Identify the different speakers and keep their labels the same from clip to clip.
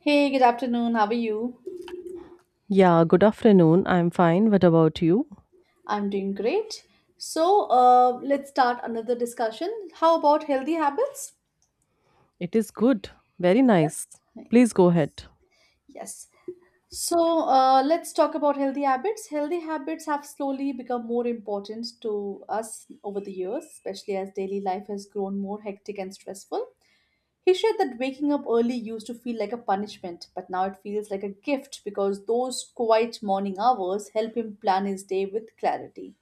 Speaker 1: Hey, good afternoon. How are you?
Speaker 2: Yeah, good afternoon. I'm fine. What about you?
Speaker 1: I'm doing great. So, let's start another discussion. How about healthy habits?
Speaker 2: It is good. Very
Speaker 1: Yes.
Speaker 2: nice. Please go ahead.
Speaker 1: Yes. So, let's talk about healthy habits. Healthy habits have slowly become more important to us over the years, especially as daily life has grown more hectic and stressful. He shared that waking up early used to feel like a punishment, but now it feels like a gift because those quiet morning hours help him plan his day with clarity.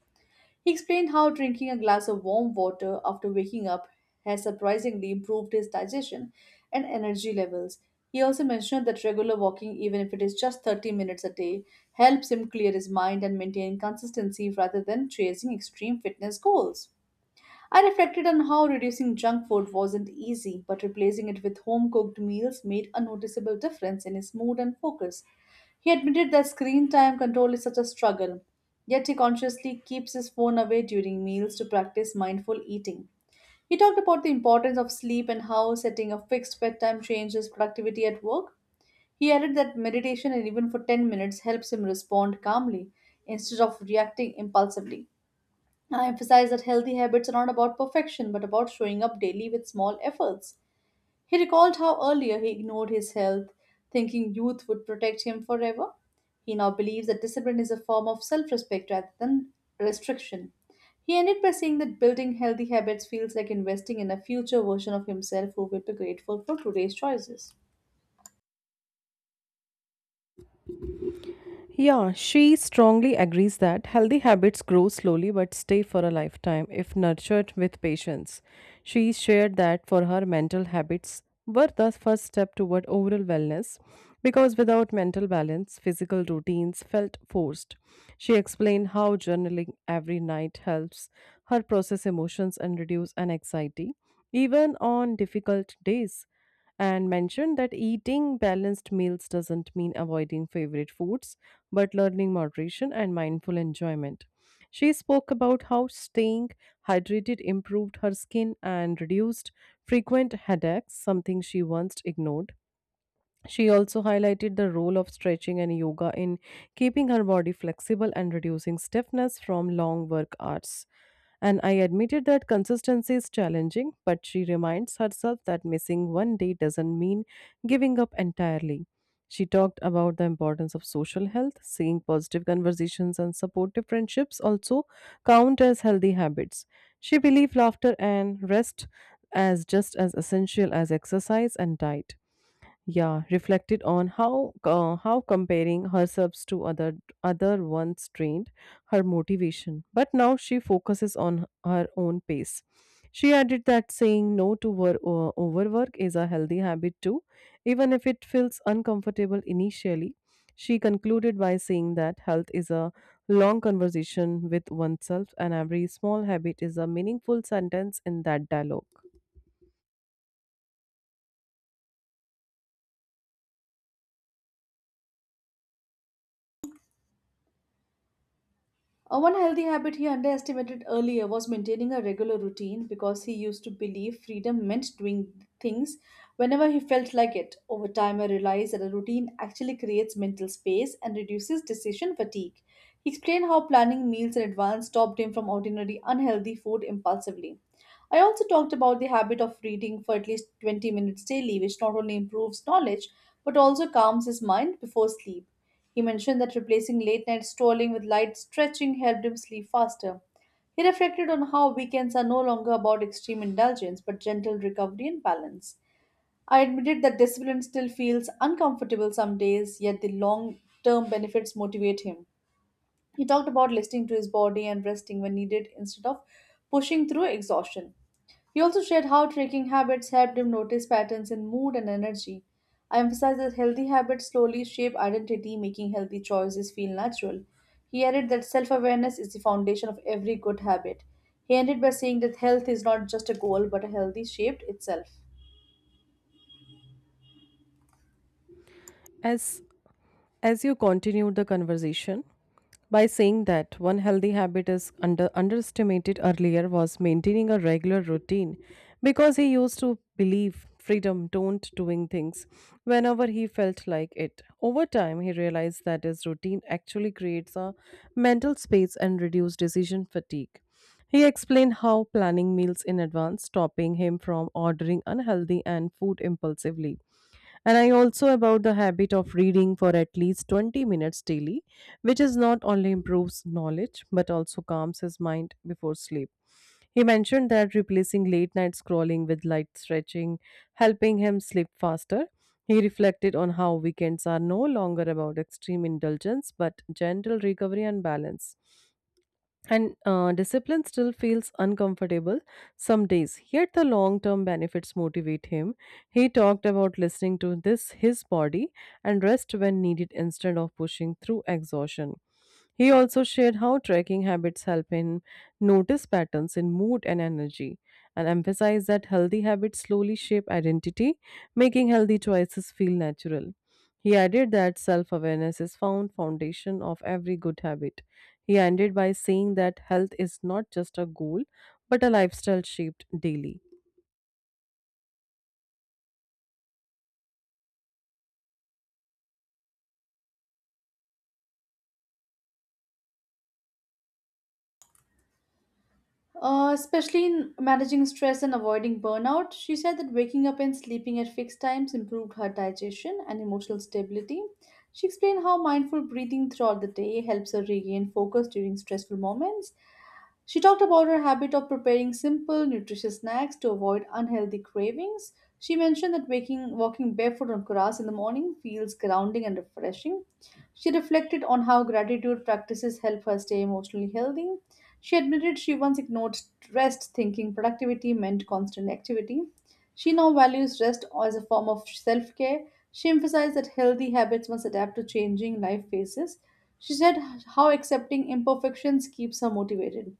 Speaker 1: He explained how drinking a glass of warm water after waking up has surprisingly improved his digestion and energy levels. He also mentioned that regular walking, even if it is just 30 minutes a day, helps him clear his mind and maintain consistency rather than chasing extreme fitness goals. I reflected on how reducing junk food wasn't easy, but replacing it with home cooked meals made a noticeable difference in his mood and focus. He admitted that screen time control is such a struggle, yet he consciously keeps his phone away during meals to practice mindful eating. He talked about the importance of sleep and how setting a fixed bedtime changes productivity at work. He added that meditation and even for 10 minutes helps him respond calmly instead of reacting impulsively. I emphasized that healthy habits are not about perfection but about showing up daily with small efforts. He recalled how earlier he ignored his health, thinking youth would protect him forever. He now believes that discipline is a form of self respect rather than restriction. He ended by saying that building healthy habits feels like investing in a future version of himself who will be grateful for today's choices.
Speaker 2: Yeah, she strongly agrees that healthy habits grow slowly but stay for a lifetime if nurtured with patience. She shared that for her, mental habits were the first step toward overall wellness because without mental balance, physical routines felt forced. She explained how journaling every night helps her process emotions and reduce an anxiety, even on difficult days, and mentioned that eating balanced meals doesn't mean avoiding favorite foods, but learning moderation and mindful enjoyment. She spoke about how staying hydrated improved her skin and reduced frequent headaches, something she once ignored. She also highlighted the role of stretching and yoga in keeping her body flexible and reducing stiffness from long work hours. And I admitted that consistency is challenging, but she reminds herself that missing one day doesn't mean giving up entirely. She talked about the importance of social health, seeing positive conversations and supportive friendships also count as healthy habits. She believed laughter and rest as just as essential as exercise and diet. Yeah, reflected on how comparing herself to other ones drained her motivation, but now she focuses on her own pace. She added that saying no to overwork is a healthy habit too, even if it feels uncomfortable initially. She concluded by saying that health is a long conversation with oneself, and every small habit is a meaningful sentence in that dialogue.
Speaker 1: One healthy habit he underestimated earlier was maintaining a regular routine because he used to believe freedom meant doing things whenever he felt like it. Over time, I realized that a routine actually creates mental space and reduces decision fatigue. He explained how planning meals in advance stopped him from ordinary unhealthy food impulsively. I also talked about the habit of reading for at least 20 minutes daily, which not only improves knowledge but also calms his mind before sleep. He mentioned that replacing late night strolling with light stretching helped him sleep faster. He reflected on how weekends are no longer about extreme indulgence but gentle recovery and balance. I admitted that discipline still feels uncomfortable some days, yet the long term benefits motivate him. He talked about listening to his body and resting when needed instead of pushing through exhaustion. He also shared how tracking habits helped him notice patterns in mood and energy. I emphasized that healthy habits slowly shape identity, making healthy choices feel natural. He added that self awareness is the foundation of every good habit. He ended by saying that health is not just a goal but a healthy shaped itself.
Speaker 2: As as you continue the conversation, by saying that one healthy habit is underestimated earlier was maintaining a regular routine, because he used to believe freedom don't doing things whenever he felt like it. Over time, he realized that his routine actually creates a mental space and reduce decision fatigue. He explained how planning meals in advance stopping him from ordering unhealthy and food impulsively, and I also about the habit of reading for at least 20 minutes daily, which is not only improves knowledge but also calms his mind before sleep. He mentioned that replacing late night scrolling with light stretching, helping him sleep faster. He reflected on how weekends are no longer about extreme indulgence but gentle recovery and balance. And Discipline still feels uncomfortable some days, yet the long term benefits motivate him. He talked about listening to this his body and rest when needed instead of pushing through exhaustion. He also shared how tracking habits help him notice patterns in mood and energy, and emphasized that healthy habits slowly shape identity, making healthy choices feel natural. He added that self awareness is foundation of every good habit. He ended by saying that health is not just a goal, but a lifestyle shaped daily.
Speaker 1: Especially in managing stress and avoiding burnout, she said that waking up and sleeping at fixed times improved her digestion and emotional stability. She explained how mindful breathing throughout the day helps her regain focus during stressful moments. She talked about her habit of preparing simple, nutritious snacks to avoid unhealthy cravings. She mentioned that waking, walking barefoot on grass in the morning feels grounding and refreshing. She reflected on how gratitude practices help her stay emotionally healthy. She admitted she once ignored rest, thinking productivity meant constant activity. She now values rest as a form of self care. She emphasized that healthy habits must adapt to changing life phases. She said how accepting imperfections keeps her motivated.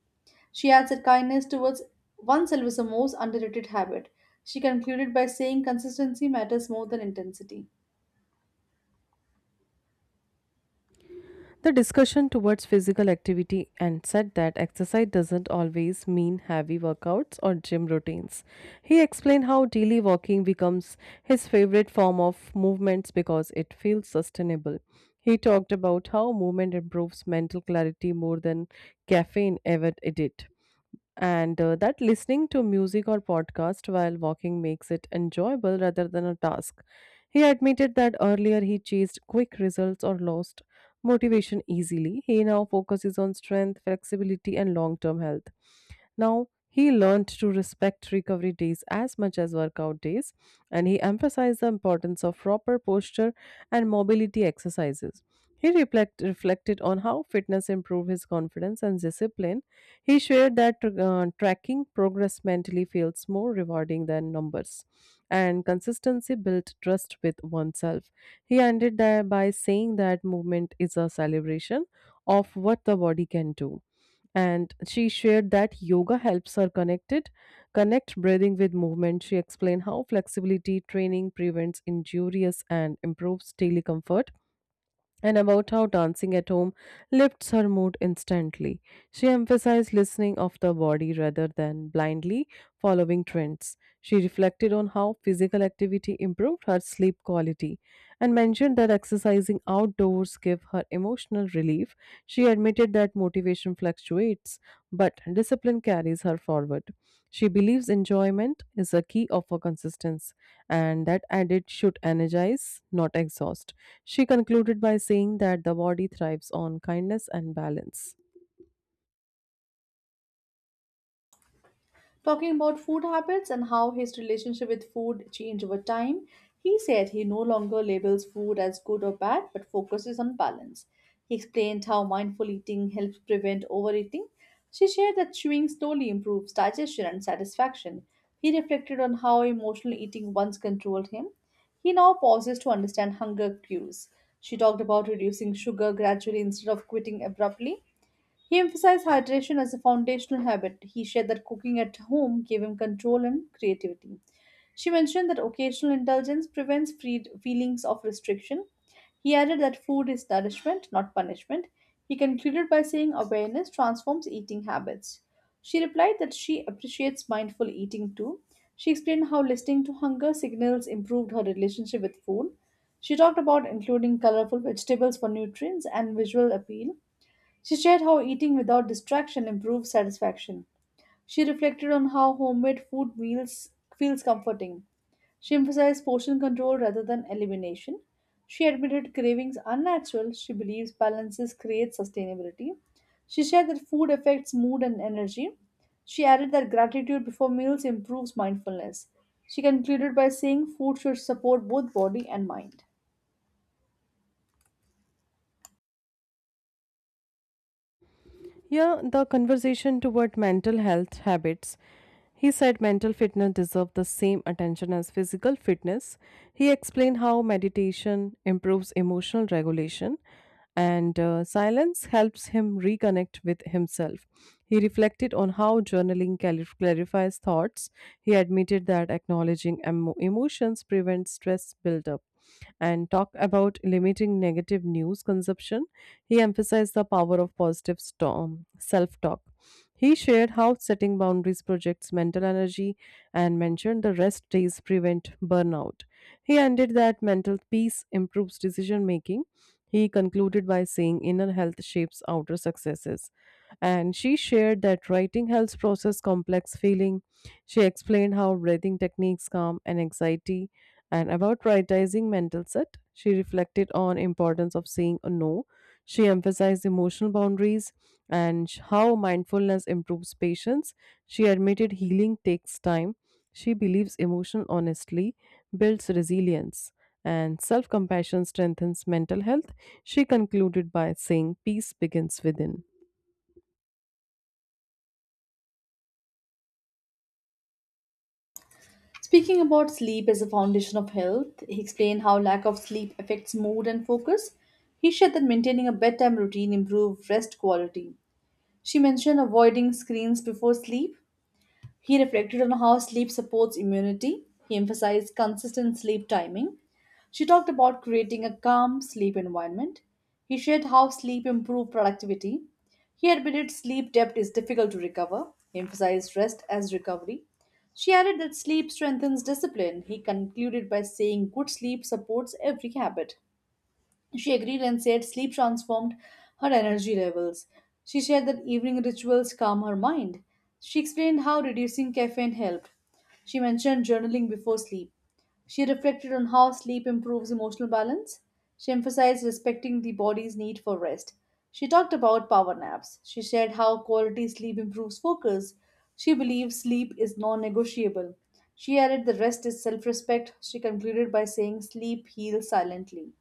Speaker 1: She adds that kindness towards oneself is a most underrated habit. She concluded by saying consistency matters more than intensity.
Speaker 2: The discussion towards physical activity and said that exercise doesn't always mean heavy workouts or gym routines. He explained how daily walking becomes his favorite form of movements because it feels sustainable. He talked about how movement improves mental clarity more than caffeine ever did. And That listening to music or podcast while walking makes it enjoyable rather than a task. He admitted that earlier he chased quick results or lost motivation easily. He now focuses on strength, flexibility, and long term health. Now, he learned to respect recovery days as much as workout days, and he emphasized the importance of proper posture and mobility exercises. He reflected on how fitness improved his confidence and discipline. He shared that tracking progress mentally feels more rewarding than numbers, and consistency built trust with oneself. He ended there by saying that movement is a celebration of what the body can do. And she shared that yoga helps her connect breathing with movement. She explained how flexibility training prevents injurious and improves daily comfort, and about how dancing at home lifts her mood instantly. She emphasized listening of the body rather than blindly following trends. She reflected on how physical activity improved her sleep quality and mentioned that exercising outdoors gave her emotional relief. She admitted that motivation fluctuates, but discipline carries her forward. She believes enjoyment is a key of her consistency and that it should energize, not exhaust. She concluded by saying that the body thrives on kindness and balance.
Speaker 1: Talking about food habits and how his relationship with food changed over time, he said he no longer labels food as good or bad but focuses on balance. He explained how mindful eating helps prevent overeating. She shared that chewing slowly improves digestion and satisfaction. He reflected on how emotional eating once controlled him. He now pauses to understand hunger cues. She talked about reducing sugar gradually instead of quitting abruptly. He emphasized hydration as a foundational habit. He shared that cooking at home gave him control and creativity. She mentioned that occasional indulgence prevents free feelings of restriction. He added that food is nourishment, not punishment. He concluded by saying awareness transforms eating habits. She replied that she appreciates mindful eating too. She explained how listening to hunger signals improved her relationship with food. She talked about including colorful vegetables for nutrients and visual appeal. She shared how eating without distraction improves satisfaction. She reflected on how homemade food meals feels comforting. She emphasized portion control rather than elimination. She admitted cravings unnatural. She believes balances create sustainability. She shared that food affects mood and energy. She added that gratitude before meals improves mindfulness. She concluded by saying food should support both body and mind.
Speaker 2: Yeah, the conversation toward mental health habits. He said mental fitness deserves the same attention as physical fitness. He explained how meditation improves emotional regulation, and silence helps him reconnect with himself. He reflected on how journaling clarifies thoughts. He admitted that acknowledging emotions prevents stress buildup, and talk about limiting negative news consumption. He emphasized the power of positive self talk. He shared how setting boundaries projects mental energy and mentioned the rest days prevent burnout. He ended that mental peace improves decision making. He concluded by saying inner health shapes outer successes. And she shared that writing helps process complex feeling. She explained how breathing techniques calm and anxiety, and about prioritizing mental set. She reflected on importance of saying a no. She emphasized emotional boundaries, and how mindfulness improves patience. She admitted healing takes time. She believes emotional honesty builds resilience and self compassion strengthens mental health. She concluded by saying, "Peace begins within."
Speaker 1: Speaking about sleep as a foundation of health, he explained how lack of sleep affects mood and focus. He shared that maintaining a bedtime routine improved rest quality. She mentioned avoiding screens before sleep. He reflected on how sleep supports immunity. He emphasized consistent sleep timing. She talked about creating a calm sleep environment. He shared how sleep improved productivity. He admitted sleep debt is difficult to recover. He emphasized rest as recovery. She added that sleep strengthens discipline. He concluded by saying good sleep supports every habit. She agreed and said sleep transformed her energy levels. She shared that evening rituals calm her mind. She explained how reducing caffeine helped. She mentioned journaling before sleep. She reflected on how sleep improves emotional balance. She emphasized respecting the body's need for rest. She talked about power naps. She shared how quality sleep improves focus. She believes sleep is non negotiable. She added the rest is self respect. She concluded by saying sleep heals silently.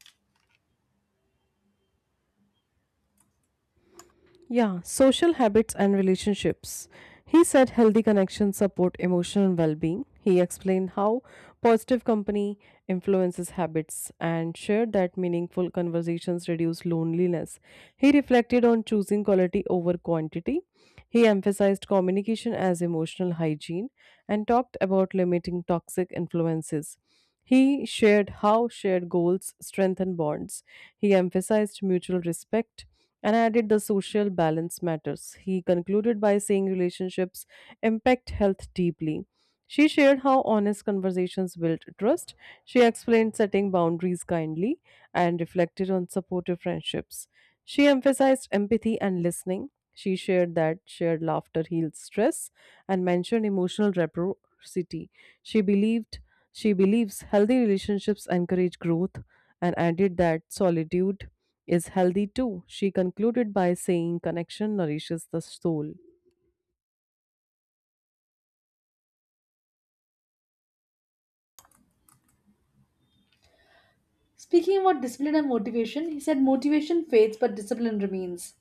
Speaker 2: Yeah, social habits and relationships. He said healthy connections support emotional well being. He explained how positive company influences habits and shared that meaningful conversations reduce loneliness. He reflected on choosing quality over quantity. He emphasized communication as emotional hygiene, and talked about limiting toxic influences. He shared how shared goals strengthen bonds. He emphasized mutual respect and added the social balance matters. He concluded by saying relationships impact health deeply. She shared how honest conversations build trust. She explained setting boundaries kindly and reflected on supportive friendships. She emphasized empathy and listening. She shared that shared laughter heals stress and mentioned emotional reciprocity. She believed she believes healthy relationships encourage growth and added that solitude is healthy too. She concluded by saying connection nourishes the soul.
Speaker 1: Speaking about discipline and motivation, he said motivation fades but discipline remains.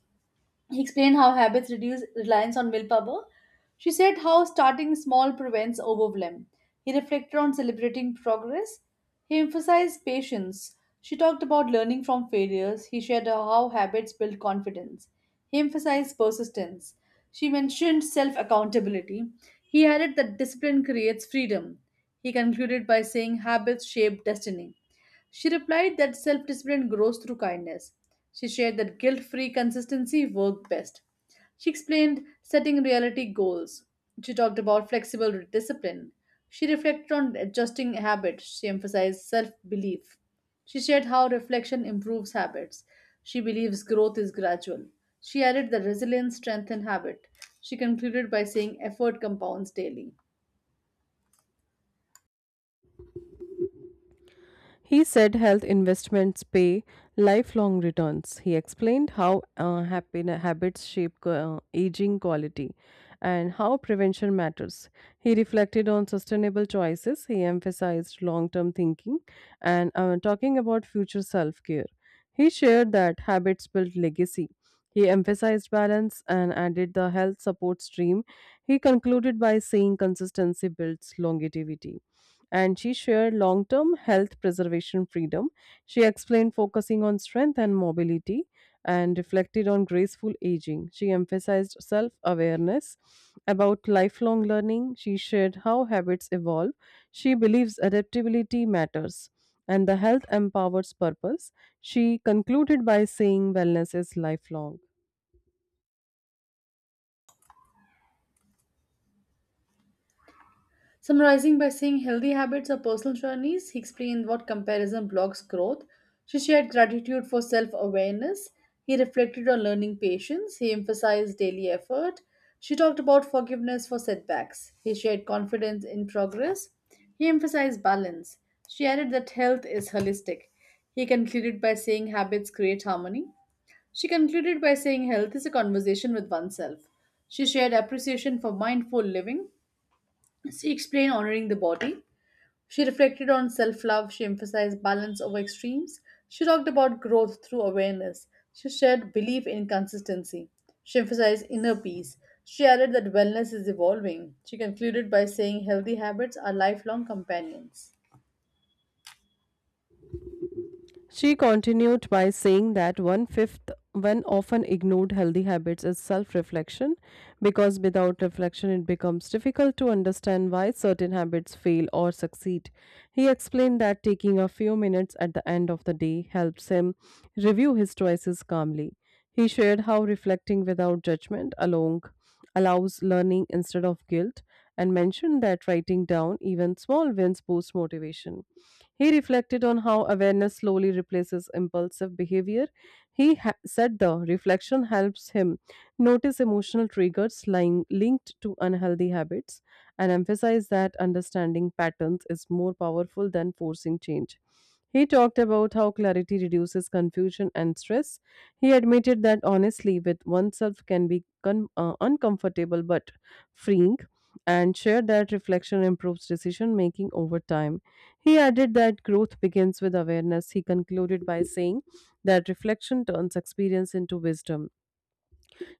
Speaker 1: He explained how habits reduce reliance on willpower. She said how starting small prevents overwhelm. He reflected on celebrating progress. He emphasized patience. She talked about learning from failures. He shared how habits build confidence. He emphasized persistence. She mentioned self accountability. He added that discipline creates freedom. He concluded by saying habits shape destiny. She replied that self discipline grows through kindness. She shared that guilt free consistency worked best. She explained setting reality goals. She talked about flexible discipline. She reflected on adjusting habits. She emphasized self belief. She shared how reflection improves habits. She believes growth is gradual. She added that resilience strengthens habit. She concluded by saying effort compounds daily.
Speaker 2: He said health investments pay lifelong returns. He explained how happy habits shape aging quality, and how prevention matters. He reflected on sustainable choices. He emphasized long term thinking, and talking about future self care. He shared that habits build legacy. He emphasized balance and added the health support stream. He concluded by saying consistency builds longevity. And she shared long term health preservation freedom. She explained focusing on strength and mobility and reflected on graceful aging. She emphasized self awareness about lifelong learning. She shared how habits evolve. She believes adaptability matters and the health empowers purpose. She concluded by saying wellness is lifelong.
Speaker 1: Summarizing by saying healthy habits are personal journeys, he explained what comparison blocks growth. She shared gratitude for self awareness. He reflected on learning patience. He emphasized daily effort. She talked about forgiveness for setbacks. He shared confidence in progress. He emphasized balance. She added that health is holistic. He concluded by saying habits create harmony. She concluded by saying health is a conversation with oneself. She shared appreciation for mindful living. She explained honoring the body. She reflected on self love. She emphasized balance over extremes. She talked about growth through awareness. She shared belief in consistency. She emphasized inner peace. She added that wellness is evolving. She concluded by saying healthy habits are lifelong companions.
Speaker 2: She continued by saying that one often ignored healthy habits is self reflection, because without reflection, it becomes difficult to understand why certain habits fail or succeed. He explained that taking a few minutes at the end of the day helps him review his choices calmly. He shared how reflecting without judgment along allows learning instead of guilt, and mentioned that writing down even small wins boosts motivation. He reflected on how awareness slowly replaces impulsive behavior. Said the reflection helps him notice emotional triggers lying linked to unhealthy habits, and emphasized that understanding patterns is more powerful than forcing change. He talked about how clarity reduces confusion and stress. He admitted that honestly with oneself can be uncomfortable but freeing, and shared that reflection improves decision making over time. He added that growth begins with awareness. He concluded by saying that reflection turns experience into wisdom.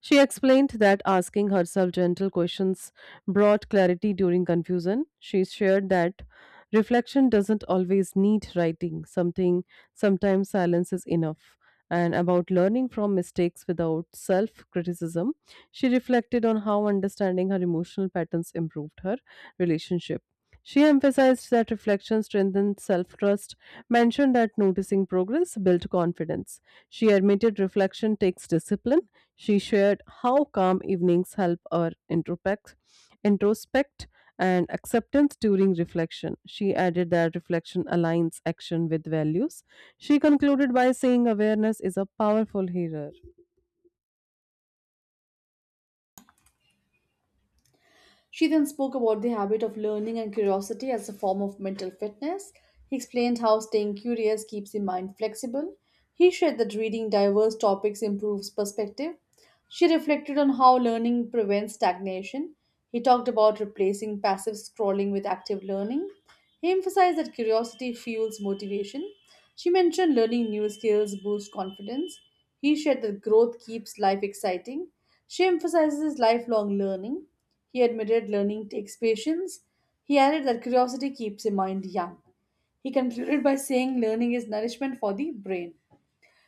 Speaker 2: She explained that asking herself gentle questions brought clarity during confusion. She shared that reflection doesn't always need writing, something sometimes silence is enough. And about learning from mistakes without self criticism, she reflected on how understanding her emotional patterns improved her relationship. She emphasized that reflection strengthened self trust, mentioned that noticing progress built confidence. She admitted reflection takes discipline. She shared how calm evenings help her introspect and acceptance during reflection. She added that reflection aligns action with values. She concluded by saying awareness is a powerful healer.
Speaker 1: She then spoke about the habit of learning and curiosity as a form of mental fitness. He explained how staying curious keeps the mind flexible. He shared that reading diverse topics improves perspective. She reflected on how learning prevents stagnation. He talked about replacing passive scrolling with active learning. He emphasized that curiosity fuels motivation. She mentioned learning new skills boosts confidence. He shared that growth keeps life exciting. She emphasizes lifelong learning. He admitted learning takes patience. He added that curiosity keeps the mind young. He concluded by saying learning is nourishment for the brain.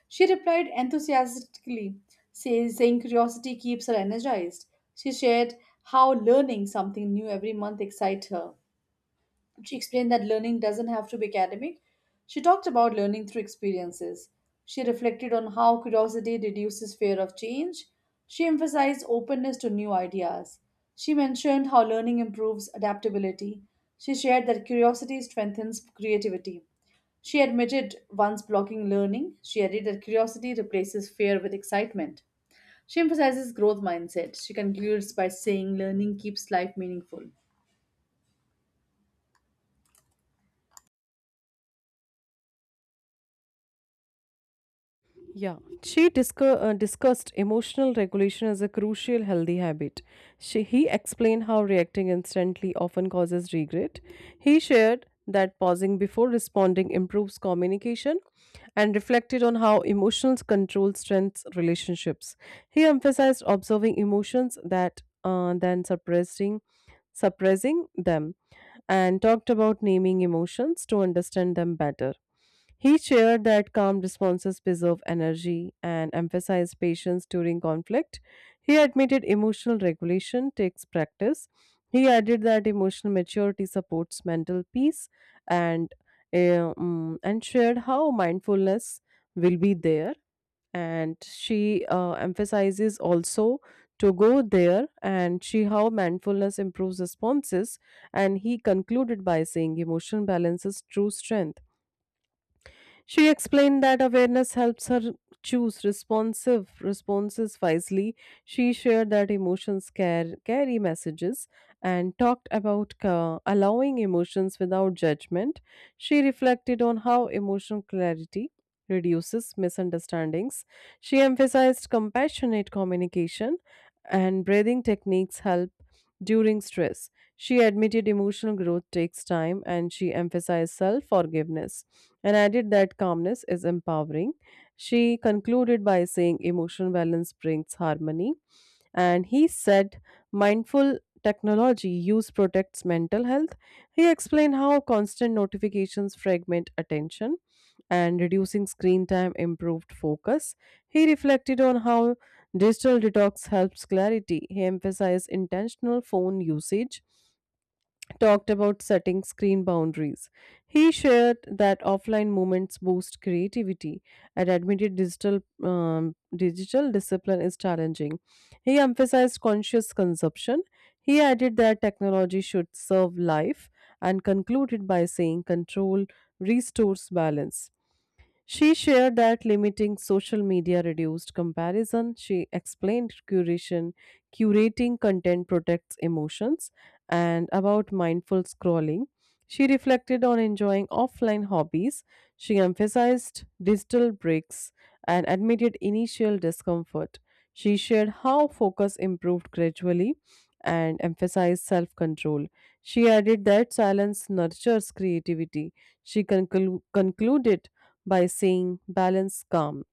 Speaker 1: She replied enthusiastically, saying curiosity keeps her energized. She shared how learning something new every month excites her. She explained that learning doesn't have to be academic. She talked about learning through experiences. She reflected on how curiosity reduces fear of change. She emphasized openness to new ideas. She mentioned how learning improves adaptability. She shared that curiosity strengthens creativity. She admitted once blocking learning. She added that curiosity replaces fear with excitement. She emphasizes growth mindset. She concludes by saying learning keeps life meaningful.
Speaker 2: Yeah, she discussed emotional regulation as a crucial healthy habit. He explained how reacting instantly often causes regret. He shared that pausing before responding improves communication and reflected on how emotional control strengthens relationships. He emphasized observing emotions that than suppressing them, and talked about naming emotions to understand them better. He shared that calm responses preserve energy and emphasized patience during conflict. He admitted emotional regulation takes practice. He added that emotional maturity supports mental peace, and and shared how mindfulness will be there. And she emphasizes also to go there, and she how mindfulness improves responses. And he concluded by saying emotional balance is true strength. She explained that awareness helps her choose responsive responses wisely. She shared that carry messages, and talked about allowing emotions without judgment. She reflected on how emotional clarity reduces misunderstandings. She emphasized compassionate communication and breathing techniques help during stress. She admitted emotional growth takes time and she emphasized self forgiveness and added that calmness is empowering. She concluded by saying emotional balance brings harmony. And he said mindful technology use protects mental health. He explained how constant notifications fragment attention and reducing screen time improved focus. He reflected on how digital detox helps clarity. He emphasized intentional phone usage talked about setting screen boundaries. He shared that offline moments boost creativity and admitted digital discipline is challenging. He emphasized conscious consumption. He added that technology should serve life and concluded by saying control restores balance. She shared that limiting social media reduced comparison. She explained curating content protects emotions, and about mindful scrolling. She reflected on enjoying offline hobbies. She emphasized digital breaks and admitted initial discomfort. She shared how focus improved gradually and emphasized self control. She added that silence nurtures creativity. She concluded by saying, Balance calm.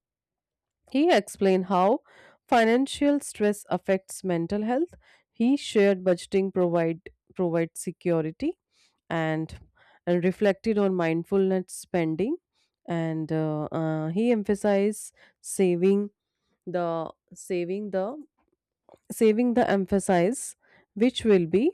Speaker 2: He explained how financial stress affects mental health. He shared budgeting provides security and and reflected on mindfulness spending and he emphasized saving the saving the saving the emphasis which will be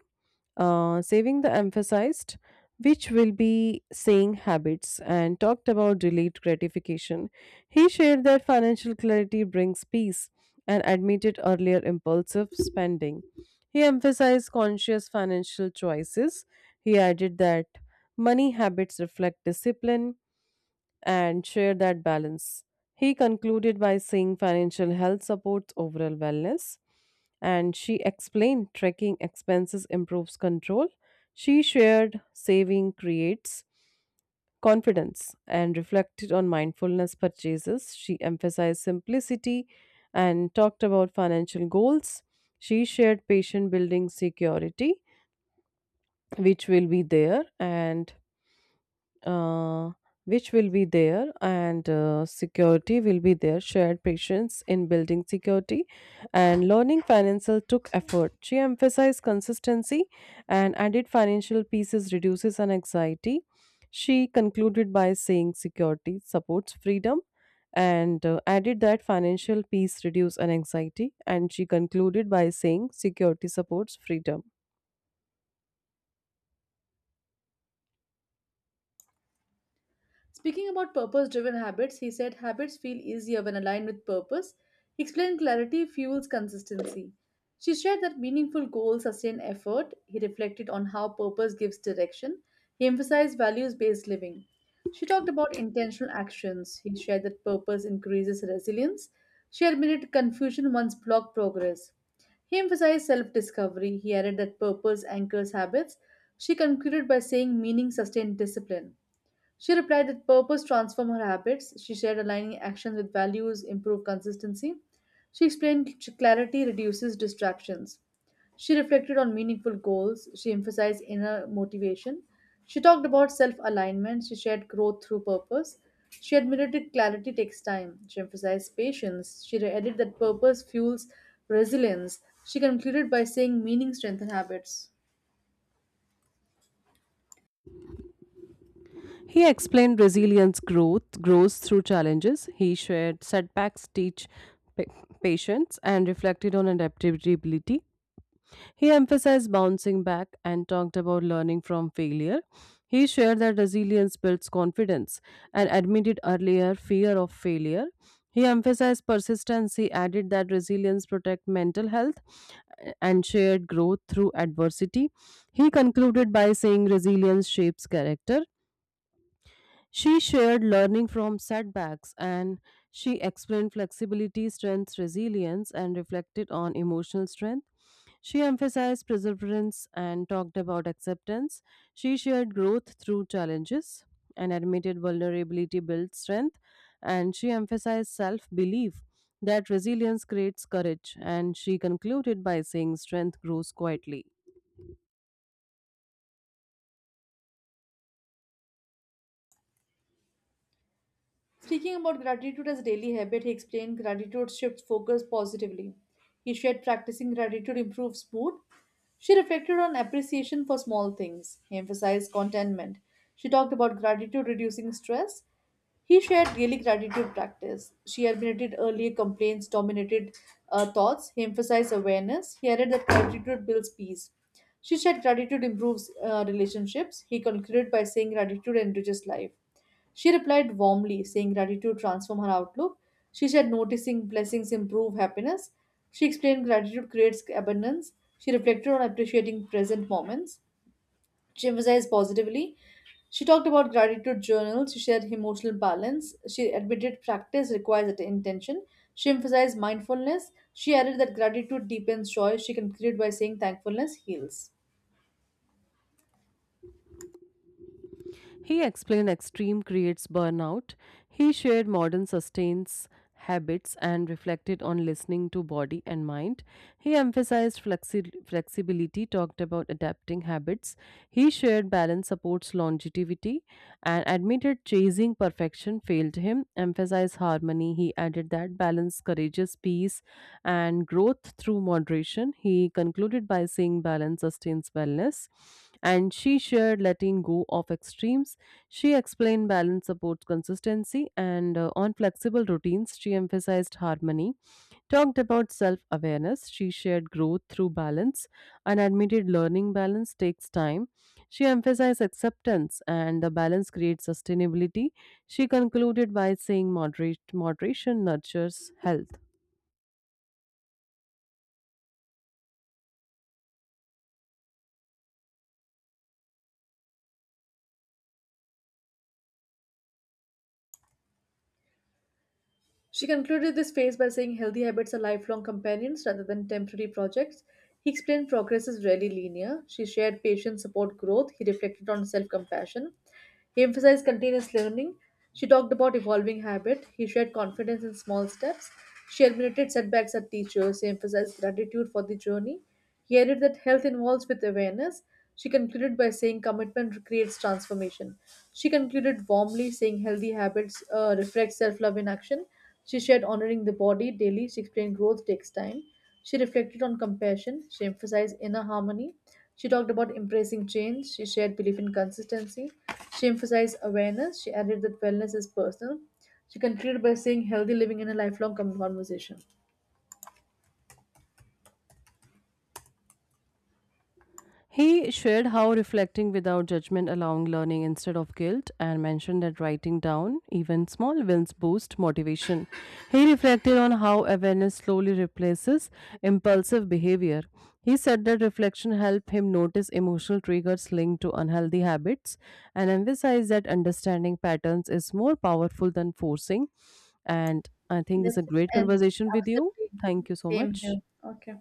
Speaker 2: saving the emphasized, which will be saying habits, and talked about delayed gratification. He shared that financial clarity brings peace and admitted earlier impulsive spending. He emphasized conscious financial choices. He added that money habits reflect discipline and share that balance. He concluded by saying financial health supports overall wellness, and she explained tracking expenses improves control. She shared saving creates confidence and reflected on mindfulness purchases. She emphasized simplicity and talked about financial goals. She shared patient building security, which will be there, and uh, which will be there and security will be there shared patience in building security and learning financial took effort. She emphasized consistency and added financial pieces reduces an anxiety. She concluded by saying security supports freedom and added that financial peace reduce an anxiety and she concluded by saying security supports freedom.
Speaker 1: Speaking about purpose driven habits, he said habits feel easier when aligned with purpose. He explained clarity fuels consistency. She shared that meaningful goals sustain effort. He reflected on how purpose gives direction. He emphasized values based living. She talked about intentional actions. He shared that purpose increases resilience. She admitted confusion once blocked progress. He emphasized self discovery. He added that purpose anchors habits. She concluded by saying meaning sustains discipline. She replied that purpose transformed her habits. She shared aligning actions with values, improved consistency. She explained clarity reduces distractions. She reflected on meaningful goals. She emphasized inner motivation. She talked about self alignment. She shared growth through purpose. She admitted that clarity takes time. She emphasized patience. She added that purpose fuels resilience. She concluded by saying meaning strengthens habits.
Speaker 2: He explained resilience growth grows through challenges. He shared setbacks teach pa- patience and reflected on adaptability. He emphasized bouncing back and talked about learning from failure. He shared that resilience builds confidence and admitted earlier fear of failure. He emphasized persistence. He added that resilience protects mental health and shared growth through adversity. He concluded by saying resilience shapes character. She shared learning from setbacks and she explained flexibility, strength, resilience, and reflected on emotional strength. She emphasized perseverance and talked about acceptance. She shared growth through challenges and admitted vulnerability builds strength. And she emphasized self belief that resilience creates courage. And she concluded by saying strength grows quietly.
Speaker 1: Speaking about gratitude as a daily habit, he explained gratitude shifts focus positively. He shared practicing gratitude improves mood. She reflected on appreciation for small things. He emphasized contentment. She talked about gratitude reducing stress. He shared daily gratitude practice. She admitted earlier complaints dominated thoughts. He emphasized awareness. He added that gratitude builds peace. She said gratitude improves relationships. He concluded by saying gratitude enriches life. She replied warmly, saying gratitude transformed her outlook. She said noticing blessings improve happiness. She explained gratitude creates abundance. She reflected on appreciating present moments. She emphasized positively. She talked about gratitude journals. She shared emotional balance. She admitted practice requires intention. She emphasized mindfulness. She added that gratitude deepens joy. She concluded by saying thankfulness heals.
Speaker 2: He explained extreme creates burnout. He shared modern sustains habits and reflected on listening to body and mind. He emphasized flexibility, talked about adapting habits. He shared balance supports longevity and admitted chasing perfection failed him. Emphasized harmony. He added that balance courageous peace and growth through moderation. He concluded by saying balance sustains wellness and she shared letting go of extremes. She explained balance supports consistency, and on flexible routines, she emphasized harmony, talked about self awareness. She shared growth through balance and admitted learning balance takes time. She emphasized acceptance, and the balance creates sustainability. She concluded by saying moderation nurtures health.
Speaker 1: She concluded this phase by saying healthy habits are lifelong companions rather than temporary projects. He explained progress is rarely linear. She shared patient support growth. He reflected on self compassion. He emphasized continuous learning. She talked about evolving habit. He shared confidence in small steps. She admitted setbacks are teachers. He emphasized gratitude for the journey. He added that health involves with awareness. She concluded by saying commitment creates transformation. She concluded warmly, saying healthy habits reflect self love in action. She shared honoring the body daily. She explained growth takes time. She reflected on compassion. She emphasized inner harmony. She talked about embracing change. She shared belief in consistency. She emphasized awareness. She added that wellness is personal. She concluded by saying healthy living in a lifelong conversation.
Speaker 2: He shared how reflecting without judgment allowing learning instead of guilt and mentioned that writing down even small wins boost motivation. He reflected on how awareness slowly replaces impulsive behavior. He said that reflection helped him notice emotional triggers linked to unhealthy habits and emphasized that understanding patterns is more powerful than forcing. And I think it's a
Speaker 1: Let's
Speaker 2: great
Speaker 1: end
Speaker 2: conversation with you.
Speaker 1: absolutely
Speaker 2: Thank you so
Speaker 1: same
Speaker 2: much.
Speaker 1: here. Okay.